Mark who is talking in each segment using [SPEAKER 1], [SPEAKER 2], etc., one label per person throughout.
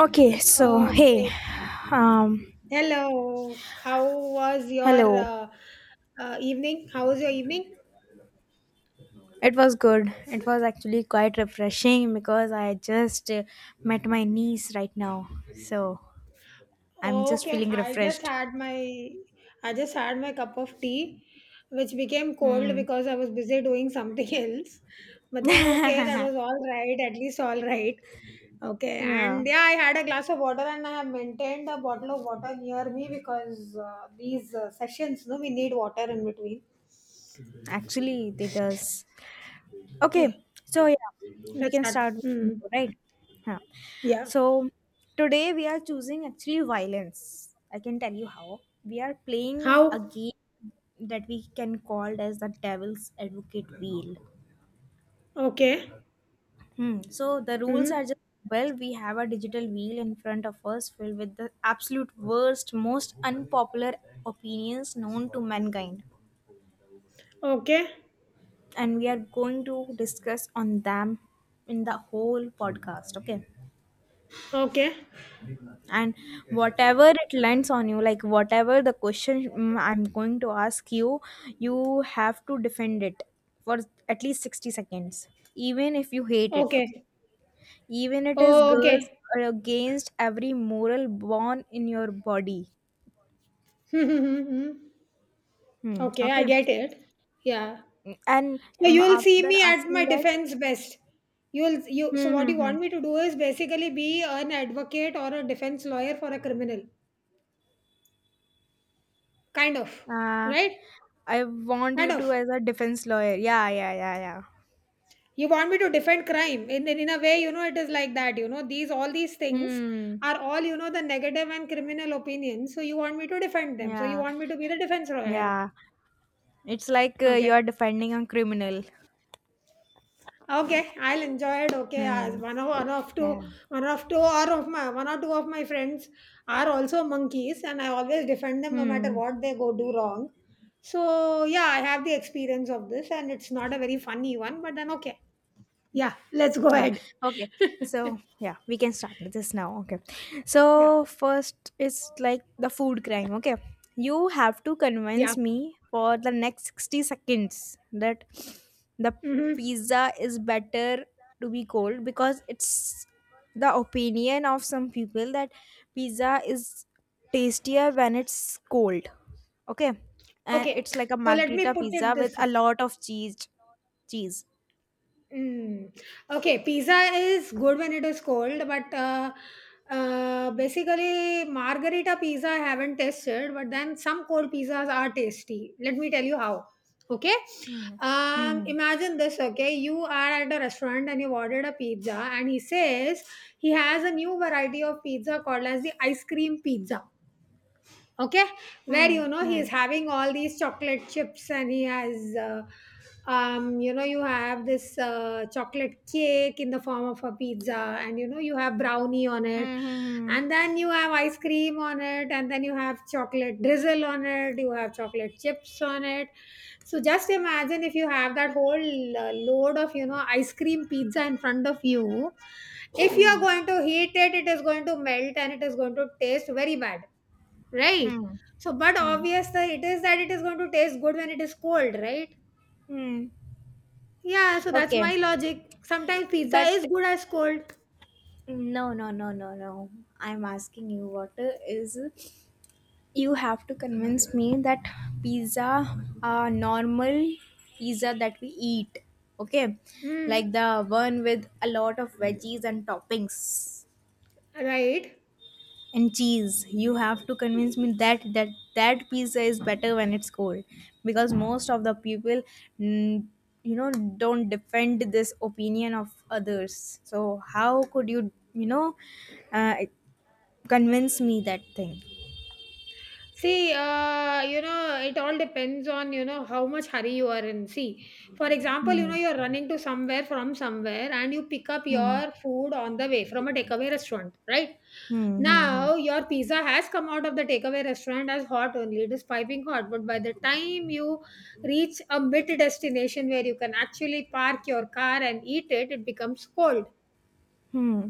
[SPEAKER 1] Okay, so hey,
[SPEAKER 2] Okay.
[SPEAKER 1] um,
[SPEAKER 2] Hello. How was your
[SPEAKER 1] hello.
[SPEAKER 2] evening? How was your evening?
[SPEAKER 1] It was good. It was actually quite refreshing because I just met my niece right now. So I'm just
[SPEAKER 2] Okay.
[SPEAKER 1] feeling refreshed.
[SPEAKER 2] I just had my cup of tea, which became cold
[SPEAKER 1] Hmm.
[SPEAKER 2] because I was busy doing something else. But then okay, that was all right. At least all right. Okay.
[SPEAKER 1] Yeah.
[SPEAKER 2] And yeah, I had a glass of water and I have maintained a bottle of water near me because these sessions, no, we need water in between.
[SPEAKER 1] Actually, it does. Okay,
[SPEAKER 2] Yeah.
[SPEAKER 1] so yeah, we
[SPEAKER 2] Let's
[SPEAKER 1] can
[SPEAKER 2] start.
[SPEAKER 1] start with
[SPEAKER 2] Hmm.
[SPEAKER 1] intro, right? Huh.
[SPEAKER 2] Yeah.
[SPEAKER 1] So today we are choosing actually violence. I can tell you how. We are playing a
[SPEAKER 2] How
[SPEAKER 1] game that we can call as the devil's advocate wheel.
[SPEAKER 2] okay.
[SPEAKER 1] Hmm. So the rules are
[SPEAKER 2] Mhm.
[SPEAKER 1] just, well, we have a digital wheel in front of us filled with the absolute worst, most unpopular opinions known to mankind.
[SPEAKER 2] Okay.
[SPEAKER 1] And we are going to discuss on them in the whole podcast. Okay.
[SPEAKER 2] Okay.
[SPEAKER 1] And whatever it lands on you, like whatever the question, I'm going to ask you, you have to defend it for at least 60 seconds, even if you hate it. Okay.
[SPEAKER 2] Okay.
[SPEAKER 1] Even it is
[SPEAKER 2] Oh,
[SPEAKER 1] girls
[SPEAKER 2] okay.
[SPEAKER 1] are against every moral born in your body.
[SPEAKER 2] Mhm. Okay, I
[SPEAKER 1] Okay.
[SPEAKER 2] get it. Yeah.
[SPEAKER 1] And
[SPEAKER 2] So you will see
[SPEAKER 1] after
[SPEAKER 2] me at
[SPEAKER 1] asking
[SPEAKER 2] my
[SPEAKER 1] that.
[SPEAKER 2] defense best. You'll you So
[SPEAKER 1] Hmm.
[SPEAKER 2] what
[SPEAKER 1] Hmm.
[SPEAKER 2] you
[SPEAKER 1] Hmm.
[SPEAKER 2] want me to do is basically be an advocate or a defense lawyer for a criminal. Kind of.
[SPEAKER 1] uh,
[SPEAKER 2] Right?
[SPEAKER 1] I want you
[SPEAKER 2] Kind
[SPEAKER 1] to
[SPEAKER 2] of.
[SPEAKER 1] as a defense lawyer. Yeah, yeah, yeah, yeah.
[SPEAKER 2] You want me to defend crime. In a way, you know, it is like that. You know, these all these things
[SPEAKER 1] Hmm.
[SPEAKER 2] are all, you know, the negative and criminal opinions. So you want me to defend them. So you
[SPEAKER 1] Yeah.
[SPEAKER 2] want me to be the defense lawyer.
[SPEAKER 1] Yeah. It's like you
[SPEAKER 2] Okay.
[SPEAKER 1] are defending a criminal.
[SPEAKER 2] Okay, I'll enjoy it. Okay, as
[SPEAKER 1] Hmm. Yeah.
[SPEAKER 2] one of two, or of my one or two of my friends are also monkeys, and I always defend them no matter
[SPEAKER 1] Hmm.
[SPEAKER 2] what they go do wrong. So yeah, I have the experience of this, and it's not a very funny one, but then okay, yeah, let's go
[SPEAKER 1] Ah,
[SPEAKER 2] ahead.
[SPEAKER 1] okay. So yeah, we can start with this now. Okay.
[SPEAKER 2] Yeah,
[SPEAKER 1] So first is like the food crime. Okay. You have to
[SPEAKER 2] yeah.
[SPEAKER 1] convince me for the next 60 seconds that the
[SPEAKER 2] Hmm.
[SPEAKER 1] pizza is better to be cold, because it's the opinion of some people that pizza is tastier when it's cold. Okay. And
[SPEAKER 2] Okay,
[SPEAKER 1] it's like a
[SPEAKER 2] so let
[SPEAKER 1] margherita
[SPEAKER 2] me put
[SPEAKER 1] pizza
[SPEAKER 2] it
[SPEAKER 1] with
[SPEAKER 2] this.
[SPEAKER 1] a lot of cheese.
[SPEAKER 2] Mm. Okay, pizza is good when it is cold, but basically, margarita pizza I haven't tasted, but then some cold pizzas are tasty. Let me tell you how. Okay,
[SPEAKER 1] Hmm. Hmm.
[SPEAKER 2] imagine this. Okay, you are at a restaurant and you've ordered a pizza, and he says he has a new variety of pizza called as the ice cream pizza, okay, where
[SPEAKER 1] Hmm.
[SPEAKER 2] you know he
[SPEAKER 1] Hmm.
[SPEAKER 2] is having all these chocolate chips and he has you know, you have this chocolate cake in the form of a pizza, and you know you have brownie on it
[SPEAKER 1] Hmm.
[SPEAKER 2] and then you have ice cream on it and then you have chocolate drizzle on it, you have chocolate chips on it. So just imagine if you have that whole load of, you know, ice cream pizza in front of you, if you are
[SPEAKER 1] Hmm.
[SPEAKER 2] going to heat it, it is going to melt and it is going to taste very bad, right?
[SPEAKER 1] Hmm.
[SPEAKER 2] So, but
[SPEAKER 1] Hmm.
[SPEAKER 2] obvious that it is going to taste good when it is cold, right?
[SPEAKER 1] Hmm.
[SPEAKER 2] Yeah, so that's
[SPEAKER 1] Okay,
[SPEAKER 2] my logic. Sometimes pizza
[SPEAKER 1] but
[SPEAKER 2] is good as cold.
[SPEAKER 1] no, no, no, no, no, I'm asking you what is, you have to convince me that pizza, normal pizza that we eat, okay, like
[SPEAKER 2] Mm,
[SPEAKER 1] the one with a lot of veggies and toppings.
[SPEAKER 2] right.
[SPEAKER 1] And cheese, you have to convince me that that pizza is better when it's cold, because most of the people, mm, you know, don't defend this opinion of others. So how could you, uh, convince me that thing?
[SPEAKER 2] See, you know, it all depends on, you know, how much hurry you are in. See, for example, you know,
[SPEAKER 1] Hmm.
[SPEAKER 2] you're running to somewhere from somewhere and you pick up
[SPEAKER 1] Hmm.
[SPEAKER 2] your food on the way from a takeaway restaurant, right?
[SPEAKER 1] Hmm. Hmm.
[SPEAKER 2] Now, your pizza has come out of the takeaway restaurant as hot only. It is piping hot. But by the time you reach a mid destination where you can actually park your car and eat it, it becomes cold.
[SPEAKER 1] Hmm.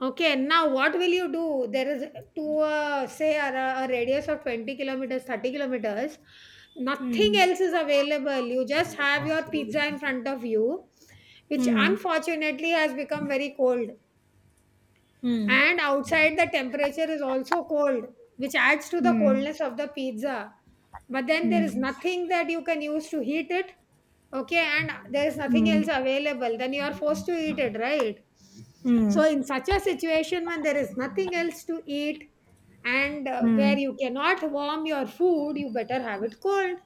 [SPEAKER 2] Okay, now what will you do? There is to say a radius of 20 kilometers, 30 kilometers, nothing else is available. You just have your pizza in front of you, which
[SPEAKER 1] Hmm. Hmm.
[SPEAKER 2] unfortunately has become very cold.
[SPEAKER 1] Hmm. Hmm.
[SPEAKER 2] And outside, the temperature is also cold, which adds to the
[SPEAKER 1] Hmm.
[SPEAKER 2] coldness of the pizza. But then there is
[SPEAKER 1] Hmm.
[SPEAKER 2] nothing that you can use to heat it. Okay, and there is nothing
[SPEAKER 1] Hmm.
[SPEAKER 2] else available, then you are forced to eat it, right? So,
[SPEAKER 1] Hmm.
[SPEAKER 2] in such a situation when there is nothing else to eat and
[SPEAKER 1] Hmm.
[SPEAKER 2] where you cannot warm your food, you better have it cold.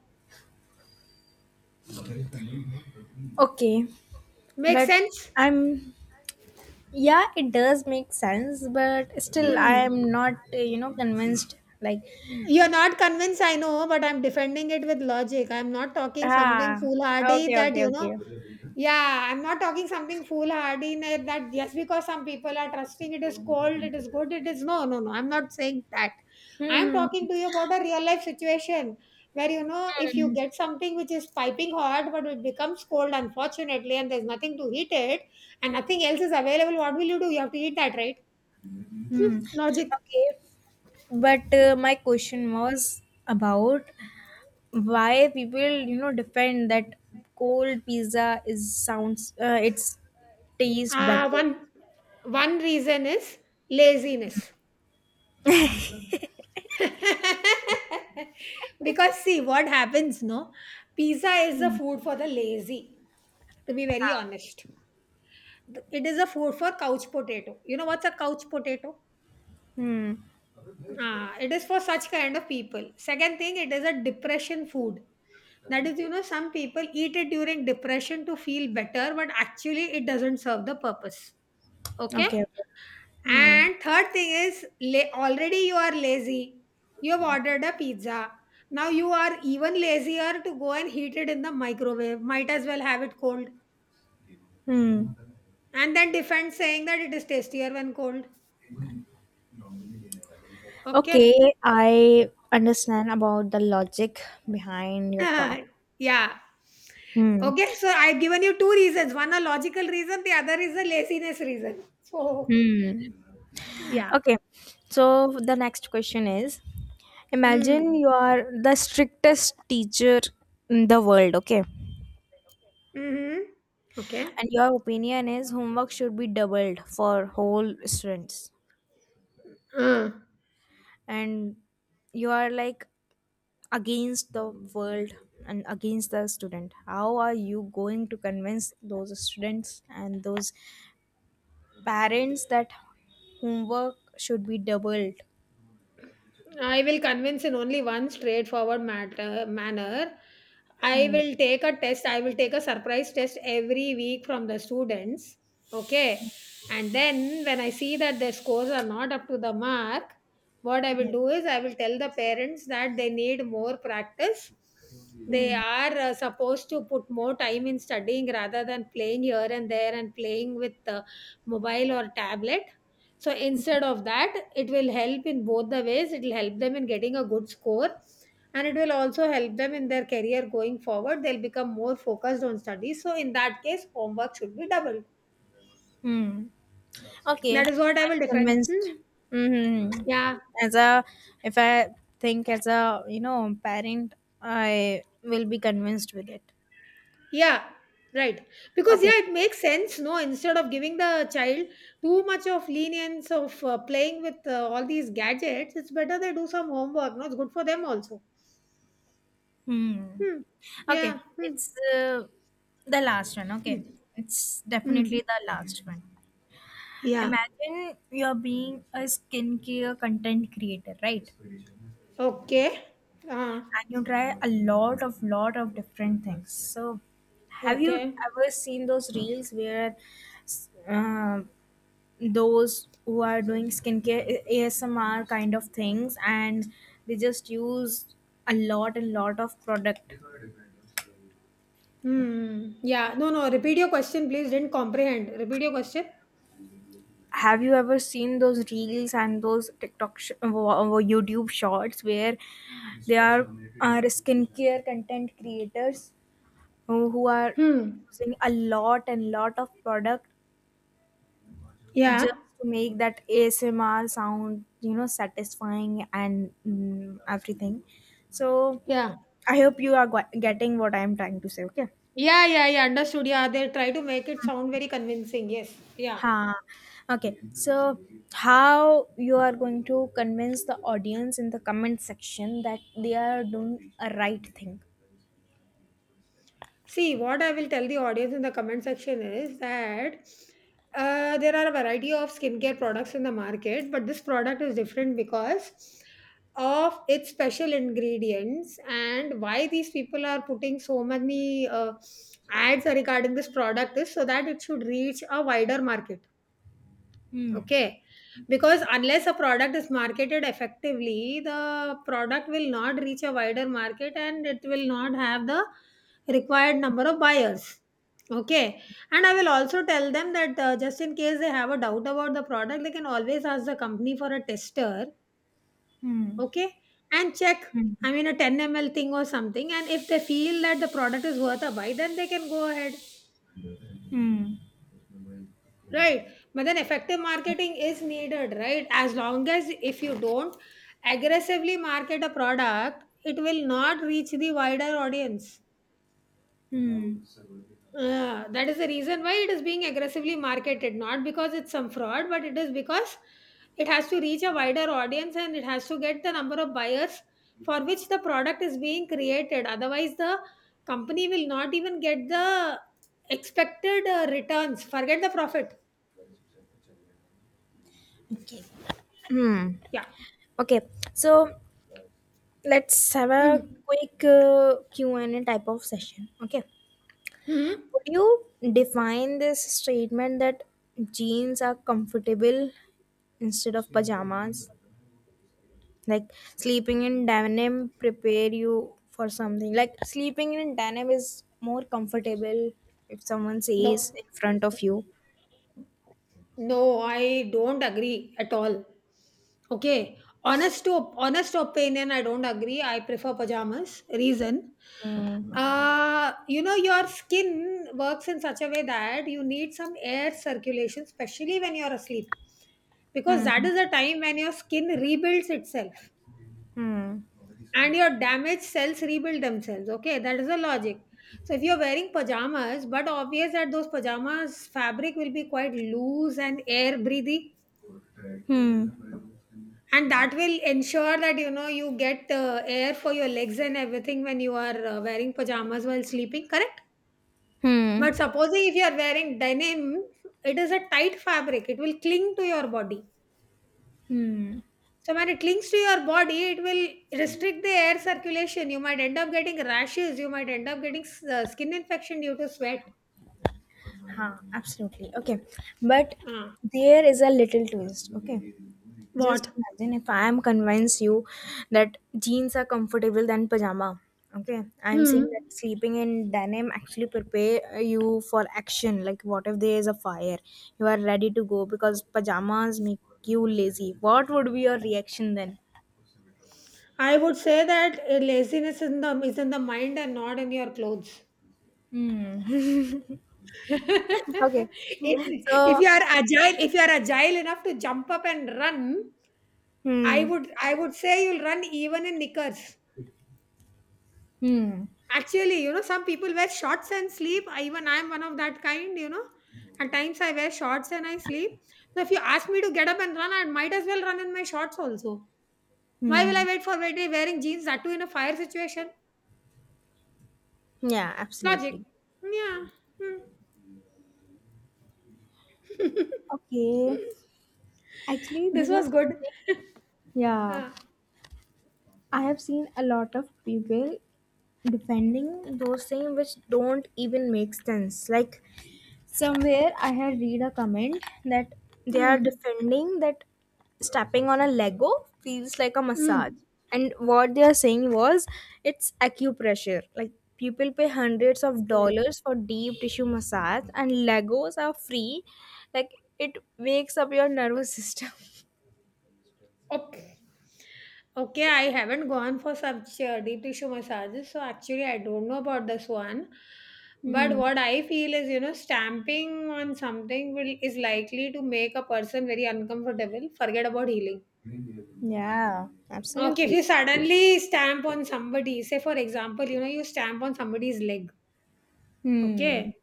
[SPEAKER 1] Okay,
[SPEAKER 2] Makes
[SPEAKER 1] but
[SPEAKER 2] sense?
[SPEAKER 1] I'm yeah, it does make sense, but still I
[SPEAKER 2] Hmm.
[SPEAKER 1] am not convinced, like.
[SPEAKER 2] You're not convinced, I know, but I'm defending it with logic. I'm not talking something
[SPEAKER 1] Ah,
[SPEAKER 2] foolhardy
[SPEAKER 1] okay,
[SPEAKER 2] that,
[SPEAKER 1] okay,
[SPEAKER 2] you know,
[SPEAKER 1] okay.
[SPEAKER 2] yeah, I'm not talking something foolhardy in it that just because some people are trusting it is cold, it is good, it is no, no, no. I'm not saying that. I'm
[SPEAKER 1] Hmm.
[SPEAKER 2] talking to you about a real life situation where, you know, if you get something which is piping hot but it becomes cold unfortunately and there's nothing to heat it and nothing else is available, what will you do? You have to eat that, right?
[SPEAKER 1] Hmm.
[SPEAKER 2] Hmm.
[SPEAKER 1] Hmm.
[SPEAKER 2] Logic.
[SPEAKER 1] Okay, but my question was about why people defend that cold pizza is, sounds it's taste
[SPEAKER 2] Uh,
[SPEAKER 1] better.
[SPEAKER 2] one one reason is laziness. Because see what happens, no, pizza is a food for the lazy, to be very honest. It is a food for couch potato. You know what's a couch potato?
[SPEAKER 1] Hmm.
[SPEAKER 2] Ah, it is for such kind of people. Second thing, it is a depression food, that is, you know, some people eat it during depression to feel better, but actually it doesn't serve the purpose. Okay.
[SPEAKER 1] Okay, okay. Hmm.
[SPEAKER 2] And third thing is, already you are lazy. You have ordered a pizza. Now you are even lazier to go and heat it in the microwave. Might as well have it cold.
[SPEAKER 1] Hmm.
[SPEAKER 2] And then defend saying that it is tastier when cold. Okay.
[SPEAKER 1] Okay, I understand about the logic behind your talk.
[SPEAKER 2] Yeah.
[SPEAKER 1] Hmm.
[SPEAKER 2] Okay. So I've given you two reasons, one a logical reason, the other is a laziness reason. So,
[SPEAKER 1] Hmm.
[SPEAKER 2] yeah.
[SPEAKER 1] Okay. So the next question is, imagine
[SPEAKER 2] Mm.
[SPEAKER 1] you are the strictest teacher in the world, okay?
[SPEAKER 2] Mm-hmm. Okay.
[SPEAKER 1] And your opinion is homework should be doubled for whole students.
[SPEAKER 2] Uh.
[SPEAKER 1] And you are like against the world and against the student. How are you going to convince those students and those parents that homework should be doubled?
[SPEAKER 2] I will convince in only one straightforward matter manner. I
[SPEAKER 1] Hmm.
[SPEAKER 2] will take a test. I will take a surprise test every week from the students. Okay. And then when I see that their scores are not up to the mark, what I will do is I will tell the parents that they need more practice. They
[SPEAKER 1] Hmm.
[SPEAKER 2] are supposed to put more time in studying rather than playing here and there and playing with mobile or tablet. So instead of that, it will help in both the ways. It will help them in getting a good score and it will also help them in their career going forward. They'll become more focused on studies. So in that case, homework should be doubled.
[SPEAKER 1] Hmm. Okay,
[SPEAKER 2] That is what I
[SPEAKER 1] I'm
[SPEAKER 2] will defend.
[SPEAKER 1] convinced.
[SPEAKER 2] Hmm.
[SPEAKER 1] Hmm.
[SPEAKER 2] Yeah.
[SPEAKER 1] As a, if I think as a, parent, I will be convinced with it.
[SPEAKER 2] Yeah. Right. Because,
[SPEAKER 1] Okay.
[SPEAKER 2] yeah, it makes sense, no? Instead of giving the child too much of lenience of playing with all these gadgets, it's better they do some homework, no? It's good for them also.
[SPEAKER 1] Hmm.
[SPEAKER 2] Hmm. Yeah.
[SPEAKER 1] Okay,
[SPEAKER 2] Hmm.
[SPEAKER 1] it's the last one. Okay, it's definitely
[SPEAKER 2] Hmm.
[SPEAKER 1] the last one.
[SPEAKER 2] Yeah.
[SPEAKER 1] Imagine you're being a skincare content creator, right?
[SPEAKER 2] Okay. हाँ,
[SPEAKER 1] And you try a lot of different things. So, have you
[SPEAKER 2] okay.
[SPEAKER 1] ever seen those reels where uh, those who are doing skincare ASMR kind of things, and they just use a lot and lot of product.
[SPEAKER 2] Hmm, yeah. No, no, repeat your question, please. Didn't comprehend. Repeat your question.
[SPEAKER 1] Have you ever seen those reels and those TikTok YouTube shorts where they are skincare content creators who are
[SPEAKER 2] Hmm.
[SPEAKER 1] using a lot and lot of product
[SPEAKER 2] Yeah.
[SPEAKER 1] just to make that ASMR sound, satisfying and everything. So
[SPEAKER 2] Yeah.
[SPEAKER 1] I hope you are getting what I am trying to say. Okay.
[SPEAKER 2] Yeah, yeah, yeah. Understood. Yeah, they try to make it sound very convincing. Yes. Yeah.
[SPEAKER 1] Ha. Okay. So how you are going to convince the audience in the comment section that they are doing a right thing?
[SPEAKER 2] See, what I will tell the audience in the comment section is that there are a variety of skincare products in the market, but this product is different because of its special ingredients, and why these people are putting so many ads regarding this product is so that it should reach a wider market.
[SPEAKER 1] Hmm.
[SPEAKER 2] Okay. Because unless a product is marketed effectively, the product will not reach a wider market and it will not have the required number of buyers. Okay. And I will also tell them that just in case they have a doubt about the product, they can always ask the company for a tester.
[SPEAKER 1] Hmm.
[SPEAKER 2] Okay. And check,
[SPEAKER 1] Hmm.
[SPEAKER 2] I mean, a 10 ml thing or something. And if they feel that the product is worth a buy, then they can go ahead.
[SPEAKER 1] Hmm.
[SPEAKER 2] Right. But then effective marketing is needed, right? As long as if you don't aggressively market a product, it will not reach the wider audience.
[SPEAKER 1] Hmm.
[SPEAKER 2] That is the reason why it is being aggressively marketed, not because it's some fraud, but it is because it has to reach a wider audience and it has to get the number of buyers for which the product is being created. Otherwise, the company will not even get the expected returns. Forget the profit.
[SPEAKER 1] Okay. Hmm.
[SPEAKER 2] Yeah.
[SPEAKER 1] Okay. So let's have a
[SPEAKER 2] Hmm.
[SPEAKER 1] quick Q&A type of session. Okay,
[SPEAKER 2] Hmm.
[SPEAKER 1] would you define this statement that jeans are comfortable instead of pajamas, like sleeping in denim prepare you for something, like sleeping in denim is more comfortable, if someone says
[SPEAKER 2] No,
[SPEAKER 1] in front of you.
[SPEAKER 2] no, I don't agree at all. Okay, honest to honest opinion, I don't agree. I prefer pajamas. Reason,
[SPEAKER 1] Hmm.
[SPEAKER 2] you know, your skin works in such a way that you need some air circulation, especially when you're asleep, because that
[SPEAKER 1] Hmm.
[SPEAKER 2] is the time when your skin rebuilds itself
[SPEAKER 1] Hmm.
[SPEAKER 2] and your damaged cells rebuild themselves. Okay, that is the logic. So if you're wearing pajamas, but obvious that those pajamas fabric will be quite loose and air breathy,
[SPEAKER 1] Hmm.
[SPEAKER 2] and that will ensure that, you know, you get air for your legs and everything when you are wearing pajamas while sleeping, correct?
[SPEAKER 1] Hmm.
[SPEAKER 2] But supposing if you are wearing denim, it is a tight fabric, it will cling to your body.
[SPEAKER 1] Hmm.
[SPEAKER 2] So when it links to your body, it will restrict the air circulation. You might end up getting rashes. You might end up getting skin infection due to sweat.
[SPEAKER 1] Huh, absolutely. Okay. But
[SPEAKER 2] Uh,
[SPEAKER 1] there is a little twist. Okay. Just
[SPEAKER 2] what?
[SPEAKER 1] imagine if I am convince you that jeans are comfortable than pajama. Okay. I'm
[SPEAKER 2] Hmm.
[SPEAKER 1] saying that sleeping in denim actually prepare you for action. Like what if there is a fire? You are ready to go because pajamas make you lazy. What would be your reaction then?
[SPEAKER 2] I would say that laziness is in the mind and not in your clothes.
[SPEAKER 1] Hmm.
[SPEAKER 2] if,
[SPEAKER 1] Okay.
[SPEAKER 2] if
[SPEAKER 1] So.
[SPEAKER 2] you are agile, if you are agile enough to jump up and run,
[SPEAKER 1] Hmm.
[SPEAKER 2] I would say you'll run even in knickers.
[SPEAKER 1] Hmm.
[SPEAKER 2] Actually, some people wear shorts and sleep. Even I am one of that kind, At times I wear shorts and I sleep. So if you ask me to get up and run, I might as well run in my shorts also. Why will I
[SPEAKER 1] Hmm.
[SPEAKER 2] wait for wearing jeans? That too in a fire situation.
[SPEAKER 1] Yeah,
[SPEAKER 2] Logic.
[SPEAKER 1] absolutely.
[SPEAKER 2] Yeah. Hmm.
[SPEAKER 1] Okay. Actually,
[SPEAKER 2] This
[SPEAKER 1] this
[SPEAKER 2] was
[SPEAKER 1] is
[SPEAKER 2] good.
[SPEAKER 1] something, yeah,
[SPEAKER 2] Ah.
[SPEAKER 1] I have seen a lot of people defending those things which don't even make sense. Like somewhere I had read a comment that they are
[SPEAKER 2] Mm.
[SPEAKER 1] defending that stepping on a Lego feels like a massage.
[SPEAKER 2] Mm.
[SPEAKER 1] And what they are saying was it's acupressure. Like people pay hundreds of
[SPEAKER 2] Okay.
[SPEAKER 1] dollars for deep tissue massage, and Legos are free. Like it wakes up your nervous system.
[SPEAKER 2] Op. Okay, I haven't gone for such deep tissue massages, so actually I don't know about this one. But
[SPEAKER 1] Hmm.
[SPEAKER 2] what I feel is, stamping on something will is likely to make a person very uncomfortable. Forget about healing.
[SPEAKER 1] Yeah,
[SPEAKER 2] Okay, if you
[SPEAKER 1] absolutely.
[SPEAKER 2] Yes. suddenly stamp on somebody, say for example, you stamp on somebody's leg.
[SPEAKER 1] Hmm.
[SPEAKER 2] Okay,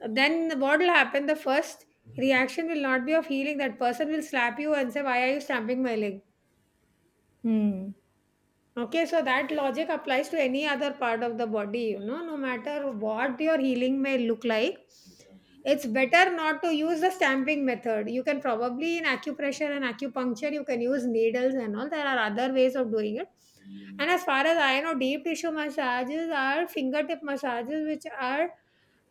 [SPEAKER 2] then what will happen? The first reaction will not be of healing. That person will slap you and say, "Why are you stamping my leg?"
[SPEAKER 1] Hmm.
[SPEAKER 2] Okay, so that logic applies to any other part of the body, no matter what your healing may look like. It's better not to use the stamping method. You can probably in acupressure and acupuncture, you can use needles and all. There are other ways of doing it. And as far as I know, deep tissue massages are fingertip massages, which are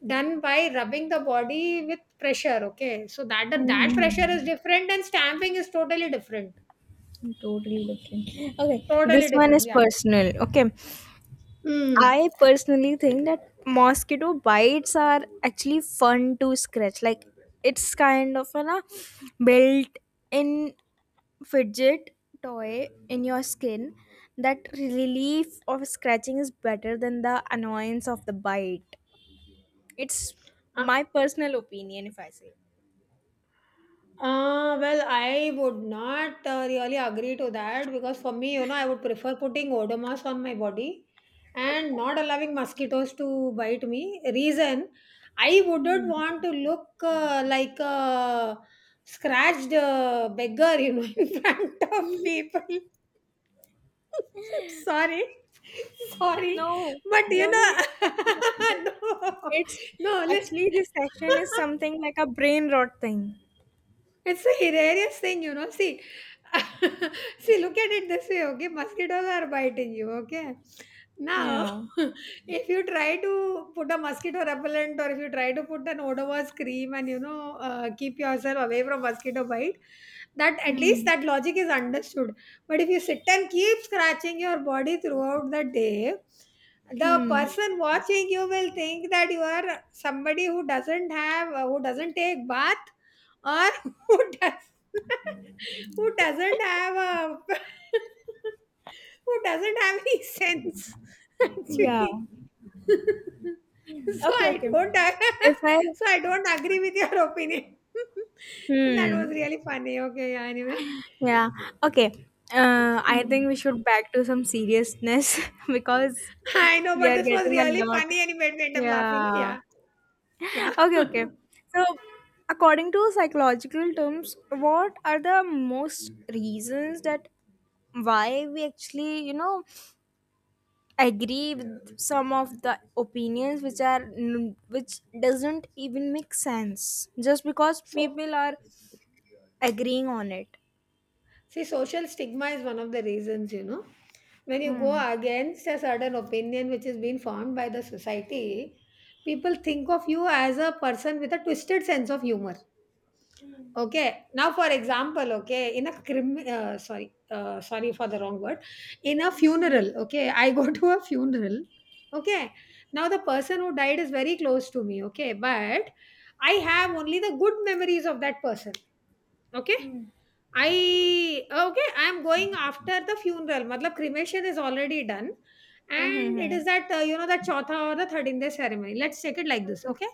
[SPEAKER 2] done by rubbing the body with pressure. Okay, so that
[SPEAKER 1] Hmm.
[SPEAKER 2] pressure is different, and stamping is totally different.
[SPEAKER 1] Totally different. Okay, this
[SPEAKER 2] Totally
[SPEAKER 1] one
[SPEAKER 2] different.
[SPEAKER 1] is
[SPEAKER 2] Yeah.
[SPEAKER 1] personal. Okay,
[SPEAKER 2] Hmm.
[SPEAKER 1] I personally think that mosquito bites are actually fun to scratch. Like it's kind of an a built-in fidget toy in your skin. That relief of scratching is better than the annoyance of the bite. It's
[SPEAKER 2] Uh,
[SPEAKER 1] my personal opinion, if I say.
[SPEAKER 2] Well, I would not really agree to that because for me, I would prefer putting odomas on my body and not allowing mosquitoes to bite me. Reason, I wouldn't want to look like a scratched beggar, you know, in front of people. sorry, sorry,
[SPEAKER 1] No,
[SPEAKER 2] but you
[SPEAKER 1] no, no,
[SPEAKER 2] know,
[SPEAKER 1] it's totally okay.
[SPEAKER 2] no,
[SPEAKER 1] It's
[SPEAKER 2] no. li-
[SPEAKER 1] actually This session is something like a brain rot thing.
[SPEAKER 2] It's a hilarious thing, you know. See, see, look at it this way, okay? Mosquitoes are biting you, okay? Now,
[SPEAKER 1] Yeah.
[SPEAKER 2] if you try to put a mosquito repellent or if you try to put an odorless cream and keep yourself away from mosquito bite, that at least
[SPEAKER 1] Hmm.
[SPEAKER 2] that logic is understood. But if you sit and keep scratching your body throughout the day, the
[SPEAKER 1] Hmm.
[SPEAKER 2] person watching you will think that you are somebody who doesn't have, who doesn't take bath or who does who doesn't have a who doesn't have any sense
[SPEAKER 1] Yeah.
[SPEAKER 2] actually so
[SPEAKER 1] Okay,
[SPEAKER 2] I
[SPEAKER 1] okay.
[SPEAKER 2] don't
[SPEAKER 1] If I
[SPEAKER 2] so I don't agree with your opinion and that was
[SPEAKER 1] Hmm.
[SPEAKER 2] really funny. Okay. Yeah, anyway.
[SPEAKER 1] Yeah. Okay. I
[SPEAKER 2] Hmm.
[SPEAKER 1] think we should back to some seriousness because
[SPEAKER 2] I know,
[SPEAKER 1] we
[SPEAKER 2] but
[SPEAKER 1] are
[SPEAKER 2] this was
[SPEAKER 1] getting a
[SPEAKER 2] really
[SPEAKER 1] lot.
[SPEAKER 2] funny and it made me end up laughing.
[SPEAKER 1] Yeah.
[SPEAKER 2] Yeah. Yeah.
[SPEAKER 1] Okay, okay. So, according to psychological terms, what are the most reasons that why we actually agree with some of the opinions which doesn't even make sense, just because
[SPEAKER 2] So
[SPEAKER 1] people are agreeing on it.
[SPEAKER 2] see, social stigma is one of the reasons, When you go
[SPEAKER 1] Hmm.
[SPEAKER 2] against a certain opinion which is being formed by the society, people think of you as a person with a twisted sense of humor. Okay. Now, for example, okay, in a crim, sorry, sorry for the wrong word, in a funeral. Okay, I go to a funeral. Okay. Now the person who died is very close to me. Okay, but I have only the good memories of that person. Okay, I'm going after the funeral. Matlab cremation is already done. And it
[SPEAKER 1] Mm-hmm.
[SPEAKER 2] is that, that chautha or the 13th day ceremony. Let's take it like this, okay?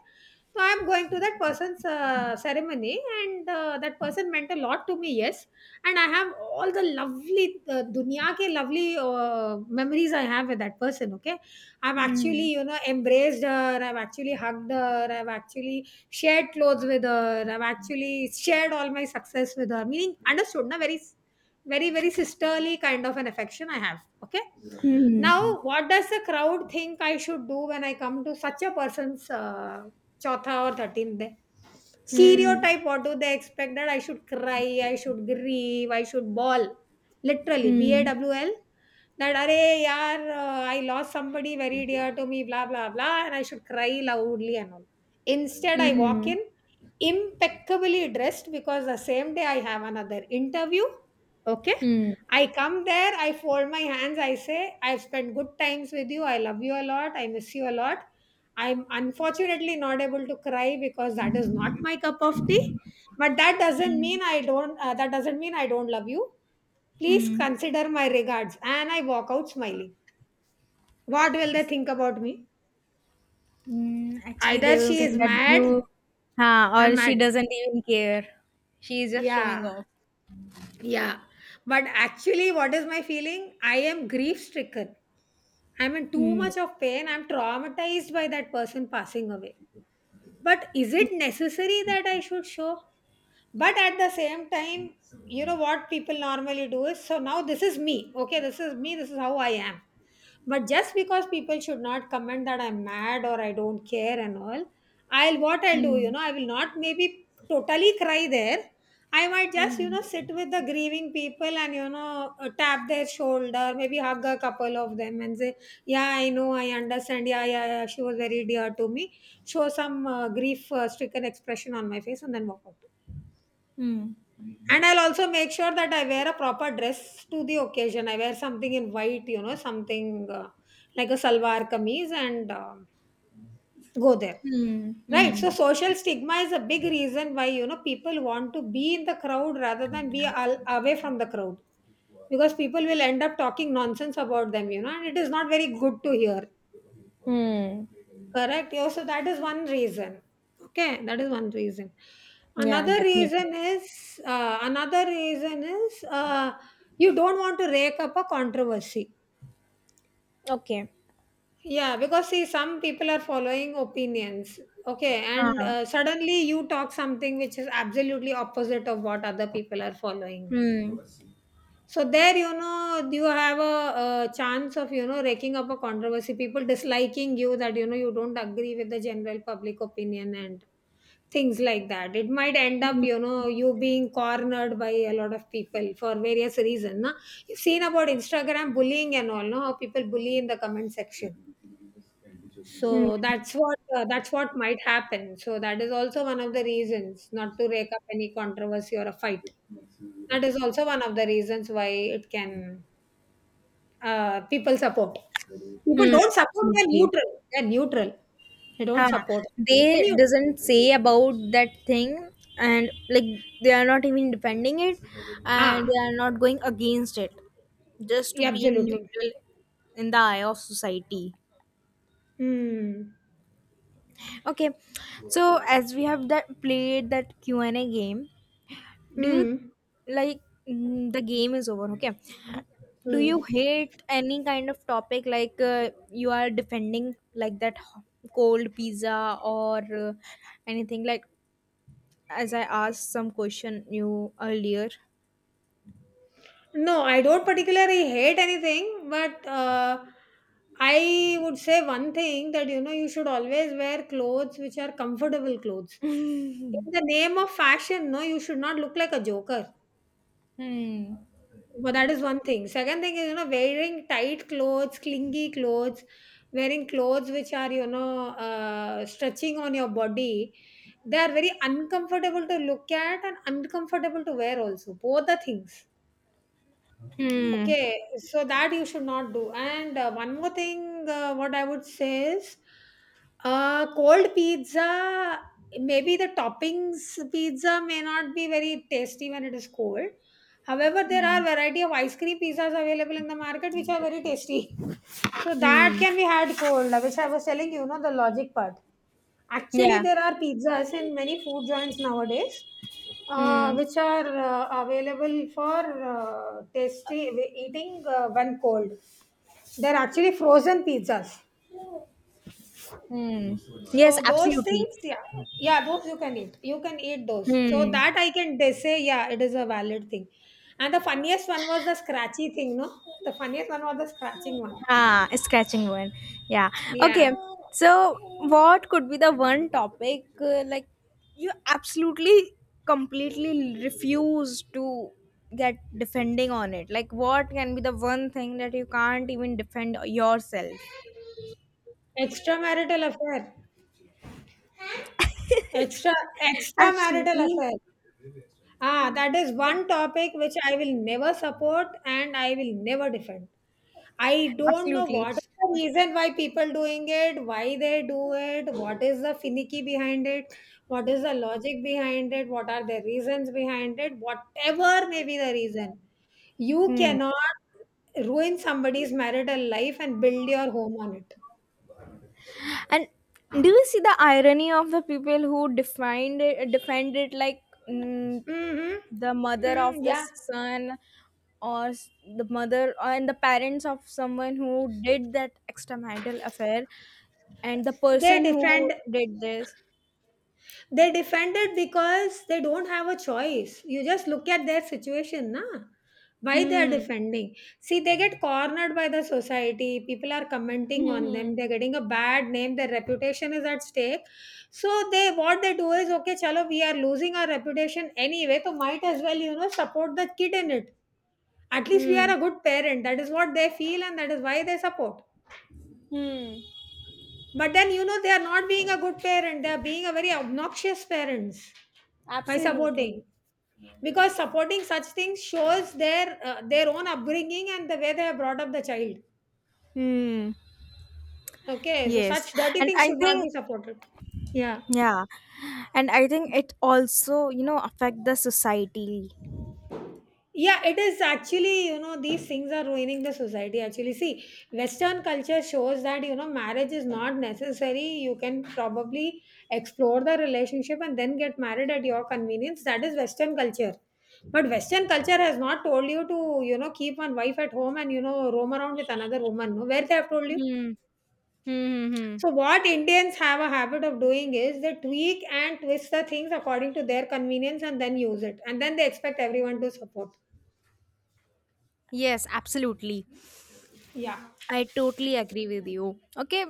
[SPEAKER 2] So I'm going to that person's ceremony, and that person meant a lot to me, yes. And I have all the lovely, dunya ke lovely memories I have with that person, okay. I've
[SPEAKER 1] Mm-hmm.
[SPEAKER 2] actually, embraced her, I've actually hugged her, I've actually shared clothes with her, I've actually shared all my success with her, meaning understood, na, very, very, very sisterly kind of an affection I have, okay.
[SPEAKER 1] Mm-hmm.
[SPEAKER 2] Now, what does the crowd think I should do when I come to such a person's Chautha or 13th day.
[SPEAKER 1] Hmm.
[SPEAKER 2] Stereotype, what do they expect? That I should cry, I should grieve, I should bawl. Literally, B A
[SPEAKER 1] Hmm.
[SPEAKER 2] W L. That, are yaar, I lost somebody very dear to me, blah, blah, blah, and I should cry loudly and all. Instead, I walk
[SPEAKER 1] Hmm.
[SPEAKER 2] in impeccably dressed because the same day I have another interview. Okay.
[SPEAKER 1] Hmm. Hmm.
[SPEAKER 2] I come there, I fold my hands, I say, I've spent good times with you, I love you a lot, I miss you a lot. I'm unfortunately not able to cry because that is not my cup of tea. But that doesn't
[SPEAKER 1] Hmm. Hmm.
[SPEAKER 2] mean I don't. That doesn't mean I don't love you. Please
[SPEAKER 1] Hmm.
[SPEAKER 2] consider my regards. And I walk out smiling. What will they think about me?
[SPEAKER 1] Hmm, actually,
[SPEAKER 2] Either
[SPEAKER 1] they will
[SPEAKER 2] she is
[SPEAKER 1] think that
[SPEAKER 2] mad.
[SPEAKER 1] you,
[SPEAKER 2] I'm
[SPEAKER 1] or she
[SPEAKER 2] mad.
[SPEAKER 1] doesn't even care. She is just showing
[SPEAKER 2] Yeah,
[SPEAKER 1] off.
[SPEAKER 2] yeah. But actually, what is my feeling? I am grief stricken. I'm in too
[SPEAKER 1] Hmm.
[SPEAKER 2] much of pain. I'm traumatized by that person passing away. But is it necessary that I should show? But at the same time, what people normally do is, so now this is me, okay, this is me, this is how I am. But just because people should not comment that I'm mad or I don't care and all, I'll what I'll do,
[SPEAKER 1] Hmm.
[SPEAKER 2] I will not maybe totally cry there. I might just,
[SPEAKER 1] Hmm.
[SPEAKER 2] sit with the grieving people and tap their shoulder, maybe hug a couple of them and say, yeah, I know, I understand, yeah, yeah, yeah. She was very dear to me. Show some grief stricken expression on my face and then walk out.
[SPEAKER 1] Hmm.
[SPEAKER 2] And I'll also make sure that I wear a proper dress to the occasion. I wear something in white, something like a salwar kameez and go there.
[SPEAKER 1] Hmm.
[SPEAKER 2] Right. So
[SPEAKER 1] Mhm.
[SPEAKER 2] social stigma is a big reason why, people want to be in the crowd rather than be away from the crowd, because people will end up talking nonsense about them, you know, and it is not very good to hear.
[SPEAKER 1] Hmm.
[SPEAKER 2] Correct. Yeah, so that is one reason. Okay, that is one reason.
[SPEAKER 1] Yeah,
[SPEAKER 2] Another
[SPEAKER 1] definitely.
[SPEAKER 2] reason is you don't want to rake up a controversy.
[SPEAKER 1] Okay.
[SPEAKER 2] Yeah, because see, some people are following opinions. Okay, and
[SPEAKER 1] Ah.
[SPEAKER 2] suddenly you talk something which is absolutely opposite of what other people are following.
[SPEAKER 1] Hmm.
[SPEAKER 2] So there, you have a chance of you know raking up a controversy. People disliking you, that you know you don't agree with the general public opinion, and things like that. It might end up,
[SPEAKER 1] Hmm.
[SPEAKER 2] you know, you being cornered by a lot of people for various reasons, na? You've seen about Instagram bullying and all, no, how people bully in the comment section.
[SPEAKER 1] Hmm.
[SPEAKER 2] So that's what might happen. So that is also one of the reasons, not to rake up any controversy or a fight. That is also one of the reasons why it can people support, people
[SPEAKER 1] Hmm.
[SPEAKER 2] don't support, they're
[SPEAKER 1] Absolutely.
[SPEAKER 2] neutral, they're neutral, they don't
[SPEAKER 1] Huh.
[SPEAKER 2] support when
[SPEAKER 1] They
[SPEAKER 2] you
[SPEAKER 1] doesn't say about that thing, and like they are not even defending it, and
[SPEAKER 2] ah,
[SPEAKER 1] they are not going against it, just to
[SPEAKER 2] yeah,
[SPEAKER 1] being
[SPEAKER 2] absolutely.
[SPEAKER 1] neutral in the eye of society.
[SPEAKER 2] Hmm.
[SPEAKER 1] Okay. So as we have that played that Q&A game, do you
[SPEAKER 2] Mm,
[SPEAKER 1] like mm, the game is over. Okay, do you
[SPEAKER 2] mm.
[SPEAKER 1] hate any kind of topic, like you are defending, like that cold pizza or anything, like as I asked some question you earlier.
[SPEAKER 2] No, I don't particularly hate anything, but I would say one thing, that you know you should always wear clothes which are comfortable clothes. In the name of fashion, no, you should not look like a joker.
[SPEAKER 1] Hmm.
[SPEAKER 2] But that is one thing. Second thing is, you know, wearing tight clothes, clingy clothes, wearing clothes which are stretching on your body. They are very uncomfortable to look at and uncomfortable to wear also. Both the things.
[SPEAKER 1] Hmm.
[SPEAKER 2] Okay, so that you should not do. And what I would say is, cold pizza, maybe the toppings pizza may not be very tasty when it is cold. However, there are
[SPEAKER 1] Hmm.
[SPEAKER 2] variety of ice cream pizzas available in the market which are very tasty. So that
[SPEAKER 1] Hmm.
[SPEAKER 2] can be had cold, which I was telling you, know the logic part. Actually,
[SPEAKER 1] Yeah.
[SPEAKER 2] there are pizzas in many food joints nowadays,
[SPEAKER 1] Hmm.
[SPEAKER 2] which are available for tasty eating when cold. They're actually frozen pizzas.
[SPEAKER 1] Hmm. Yes,
[SPEAKER 2] So those
[SPEAKER 1] absolutely.
[SPEAKER 2] things, yeah, yeah, those you can eat. You can eat those. So
[SPEAKER 1] Hmm.
[SPEAKER 2] that I can they say, yeah, it is a valid thing. And the funniest one was the scratchy thing, no? The funniest one was the scratching one.
[SPEAKER 1] Ah, scratching one. Yeah.
[SPEAKER 2] Yeah,
[SPEAKER 1] Okay. So, what could be the one topic like you absolutely completely refuse to get defending on it? Like, what can be the one thing that you can't even defend yourself?
[SPEAKER 2] extramarital affair, extra extramarital
[SPEAKER 1] Absolutely.
[SPEAKER 2] affair. Ah, that is one topic which I will never support and I will never defend. I don't know
[SPEAKER 1] Absolutely.
[SPEAKER 2] what is the reason why people doing it, why they do it, what is the finicky behind it, what is the logic behind it, what are the reasons behind it, whatever may be the reason. You
[SPEAKER 1] Hmm.
[SPEAKER 2] cannot ruin somebody's marital life and build your home on it.
[SPEAKER 1] And do you see the irony of the people who defined it, defend it, like mm,
[SPEAKER 2] Mm-hmm.
[SPEAKER 1] the mother
[SPEAKER 2] Mm,
[SPEAKER 1] of the
[SPEAKER 2] yeah.
[SPEAKER 1] son or s- the mother and the parents of someone who did that extramarital affair, and the
[SPEAKER 2] They
[SPEAKER 1] person who
[SPEAKER 2] defend.
[SPEAKER 1] did this?
[SPEAKER 2] They defended because they don't have a choice. You just look at their situation, na? Why they are
[SPEAKER 1] Hmm.
[SPEAKER 2] defending? See, they get cornered by the society. People are commenting on
[SPEAKER 1] Hmm.
[SPEAKER 2] them. They're getting a bad name. Their reputation is at stake. So they what they do is okay, chalo, we are losing our reputation anyway. So might as well, support the kid in it. At least we are
[SPEAKER 1] Hmm.
[SPEAKER 2] a good parent. That is what they feel, and that is why they support.
[SPEAKER 1] Hmm.
[SPEAKER 2] But then you know they are not being a good parent. They are being a very obnoxious parents by
[SPEAKER 1] Absolutely.
[SPEAKER 2] supporting, because supporting such things shows their own upbringing and the way they have brought up the child.
[SPEAKER 1] Hmm.
[SPEAKER 2] Okay, so
[SPEAKER 1] Yes.
[SPEAKER 2] such dirty
[SPEAKER 1] And
[SPEAKER 2] things
[SPEAKER 1] I
[SPEAKER 2] should not
[SPEAKER 1] think,
[SPEAKER 2] be supported. yeah
[SPEAKER 1] yeah. And I think it also, affect the society.
[SPEAKER 2] yeah it is actually, you know, these things are ruining the society actually. See, western culture shows that, you know, marriage is not necessary. You can probably explore the relationship and then get married at your convenience. That is western culture. But western culture has not told you to, you know, keep one wife at home and, you know, roam around with another woman. No, where they have told you?
[SPEAKER 1] Hmm. Hmm. Hmm. Hmm.
[SPEAKER 2] So, what Indians have a habit of doing is they tweak and twist the things according to their convenience and then use it. And then they expect everyone to support.
[SPEAKER 1] Yes, absolutely.
[SPEAKER 2] Yeah.
[SPEAKER 1] I totally agree with you. Okay,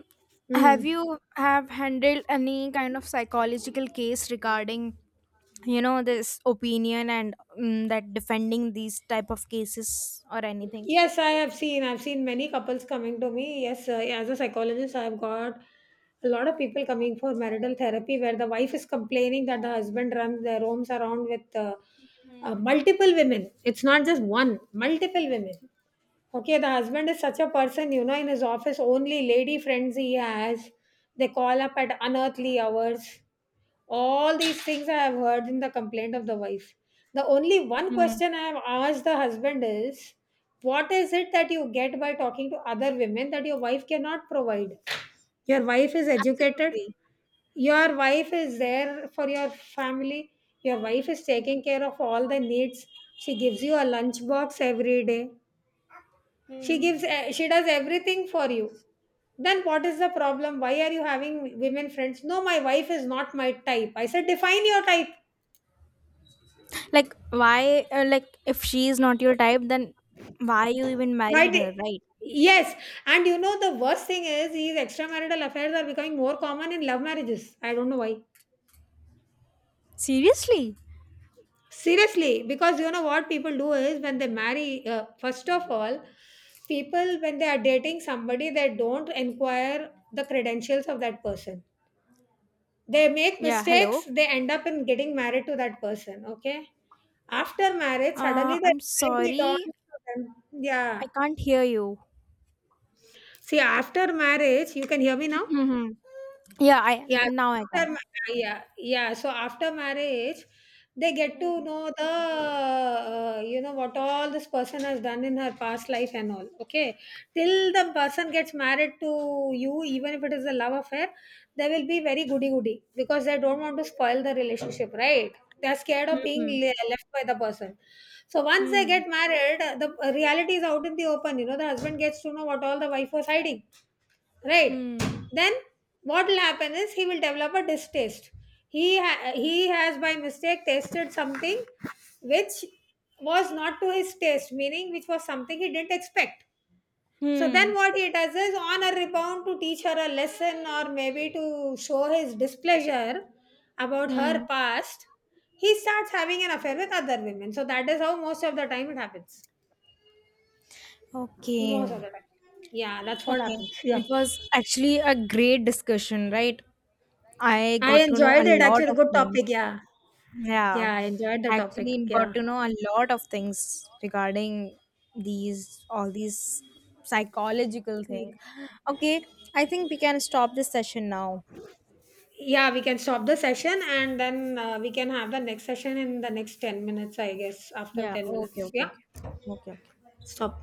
[SPEAKER 1] have
[SPEAKER 2] Mm.
[SPEAKER 1] you have handled any kind of psychological case regarding this opinion and that defending these type of cases or anything?
[SPEAKER 2] Yes, I have seen. I've seen many couples coming to me. Yes, as a psychologist, I've got a lot of people coming for marital therapy, where the wife is complaining that the husband runs their homes around with multiple women. It's not just one, multiple women. Okay, the husband is such a person, you know, in his office, only lady friends he has. They call up at unearthly hours. All these things I have heard in the complaint of the wife. The only one
[SPEAKER 1] Hmm.
[SPEAKER 2] question I have asked the husband is, what is it that you get by talking to other women that your wife cannot provide? Your wife is educated,
[SPEAKER 1] Absolutely.
[SPEAKER 2] your wife is there for your family, your wife is taking care of all the needs. She gives you a lunch box every day.
[SPEAKER 1] Hmm.
[SPEAKER 2] She does everything for you. Then what is the problem? Why are you having women friends? No, my wife is not my type. I said, define your type.
[SPEAKER 1] Like why? Like if she is not your type, then why you even
[SPEAKER 2] By
[SPEAKER 1] married
[SPEAKER 2] the
[SPEAKER 1] her, right?
[SPEAKER 2] Yes, and you know the worst thing is these extramarital affairs are becoming more common in love marriages. I don't know why.
[SPEAKER 1] Seriously?
[SPEAKER 2] Seriously, because you know what people do is when they marry, first of all, people when they are dating somebody, they don't inquire the credentials of that person. They make
[SPEAKER 1] Yeah.
[SPEAKER 2] mistakes,
[SPEAKER 1] Hello.
[SPEAKER 2] they end up in getting married to that person. Okay. After marriage, suddenly the
[SPEAKER 1] I'm
[SPEAKER 2] reality dawns
[SPEAKER 1] sorry.
[SPEAKER 2] to them. Yeah.
[SPEAKER 1] I can't hear you.
[SPEAKER 2] See, after marriage, you can hear me now?
[SPEAKER 1] Mm-hmm. Yeah, I
[SPEAKER 2] Yeah,
[SPEAKER 1] now I can.
[SPEAKER 2] after, ma- yeah, yeah. So after marriage, they get to
[SPEAKER 1] Hmm.
[SPEAKER 2] know the, you know, what all this person has done in her past life and all. Okay, till the person gets married to you, even if it is a love affair, they will be very goody goody because they don't want to spoil the relationship, right? They're scared of
[SPEAKER 1] Hmm.
[SPEAKER 2] left by the person. So once they
[SPEAKER 1] Hmm.
[SPEAKER 2] get married, the reality is out in the open. You know, the husband gets to know what all the wife was hiding, right?
[SPEAKER 1] Hmm.
[SPEAKER 2] Then what will happen is he will develop a distaste. He has by mistake tasted something which was not to his taste, meaning which was something he didn't expect. So then
[SPEAKER 1] Hmm.
[SPEAKER 2] what he does is, on a rebound to teach her a lesson, or maybe to show his displeasure about her
[SPEAKER 1] Hmm.
[SPEAKER 2] past, he starts having an affair with other women. So that is how most of the time it happens. Most
[SPEAKER 1] Okay.
[SPEAKER 2] of the time, yeah, that's what
[SPEAKER 1] Okay.
[SPEAKER 2] happens.
[SPEAKER 1] It
[SPEAKER 2] Yeah,
[SPEAKER 1] was actually a great discussion, right? I
[SPEAKER 2] I
[SPEAKER 1] got to know a
[SPEAKER 2] enjoyed it
[SPEAKER 1] lot
[SPEAKER 2] actually.
[SPEAKER 1] of
[SPEAKER 2] Good
[SPEAKER 1] things.
[SPEAKER 2] topic. Yeah.
[SPEAKER 1] Yeah.
[SPEAKER 2] Yeah, I enjoyed the topic.
[SPEAKER 1] Actually got
[SPEAKER 2] Yeah.
[SPEAKER 1] to know a lot of things regarding these all these psychological thing. Okay. I think we can stop this session now.
[SPEAKER 2] Yeah, we can stop the session and then we can have the next session in the next 10 minutes, I guess, after
[SPEAKER 1] Yeah.
[SPEAKER 2] 10
[SPEAKER 1] Okay.
[SPEAKER 2] minutes.
[SPEAKER 1] Okay.
[SPEAKER 2] Yeah.
[SPEAKER 1] Okay. Okay. Okay.
[SPEAKER 2] Stop.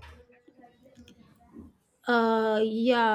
[SPEAKER 2] Yeah.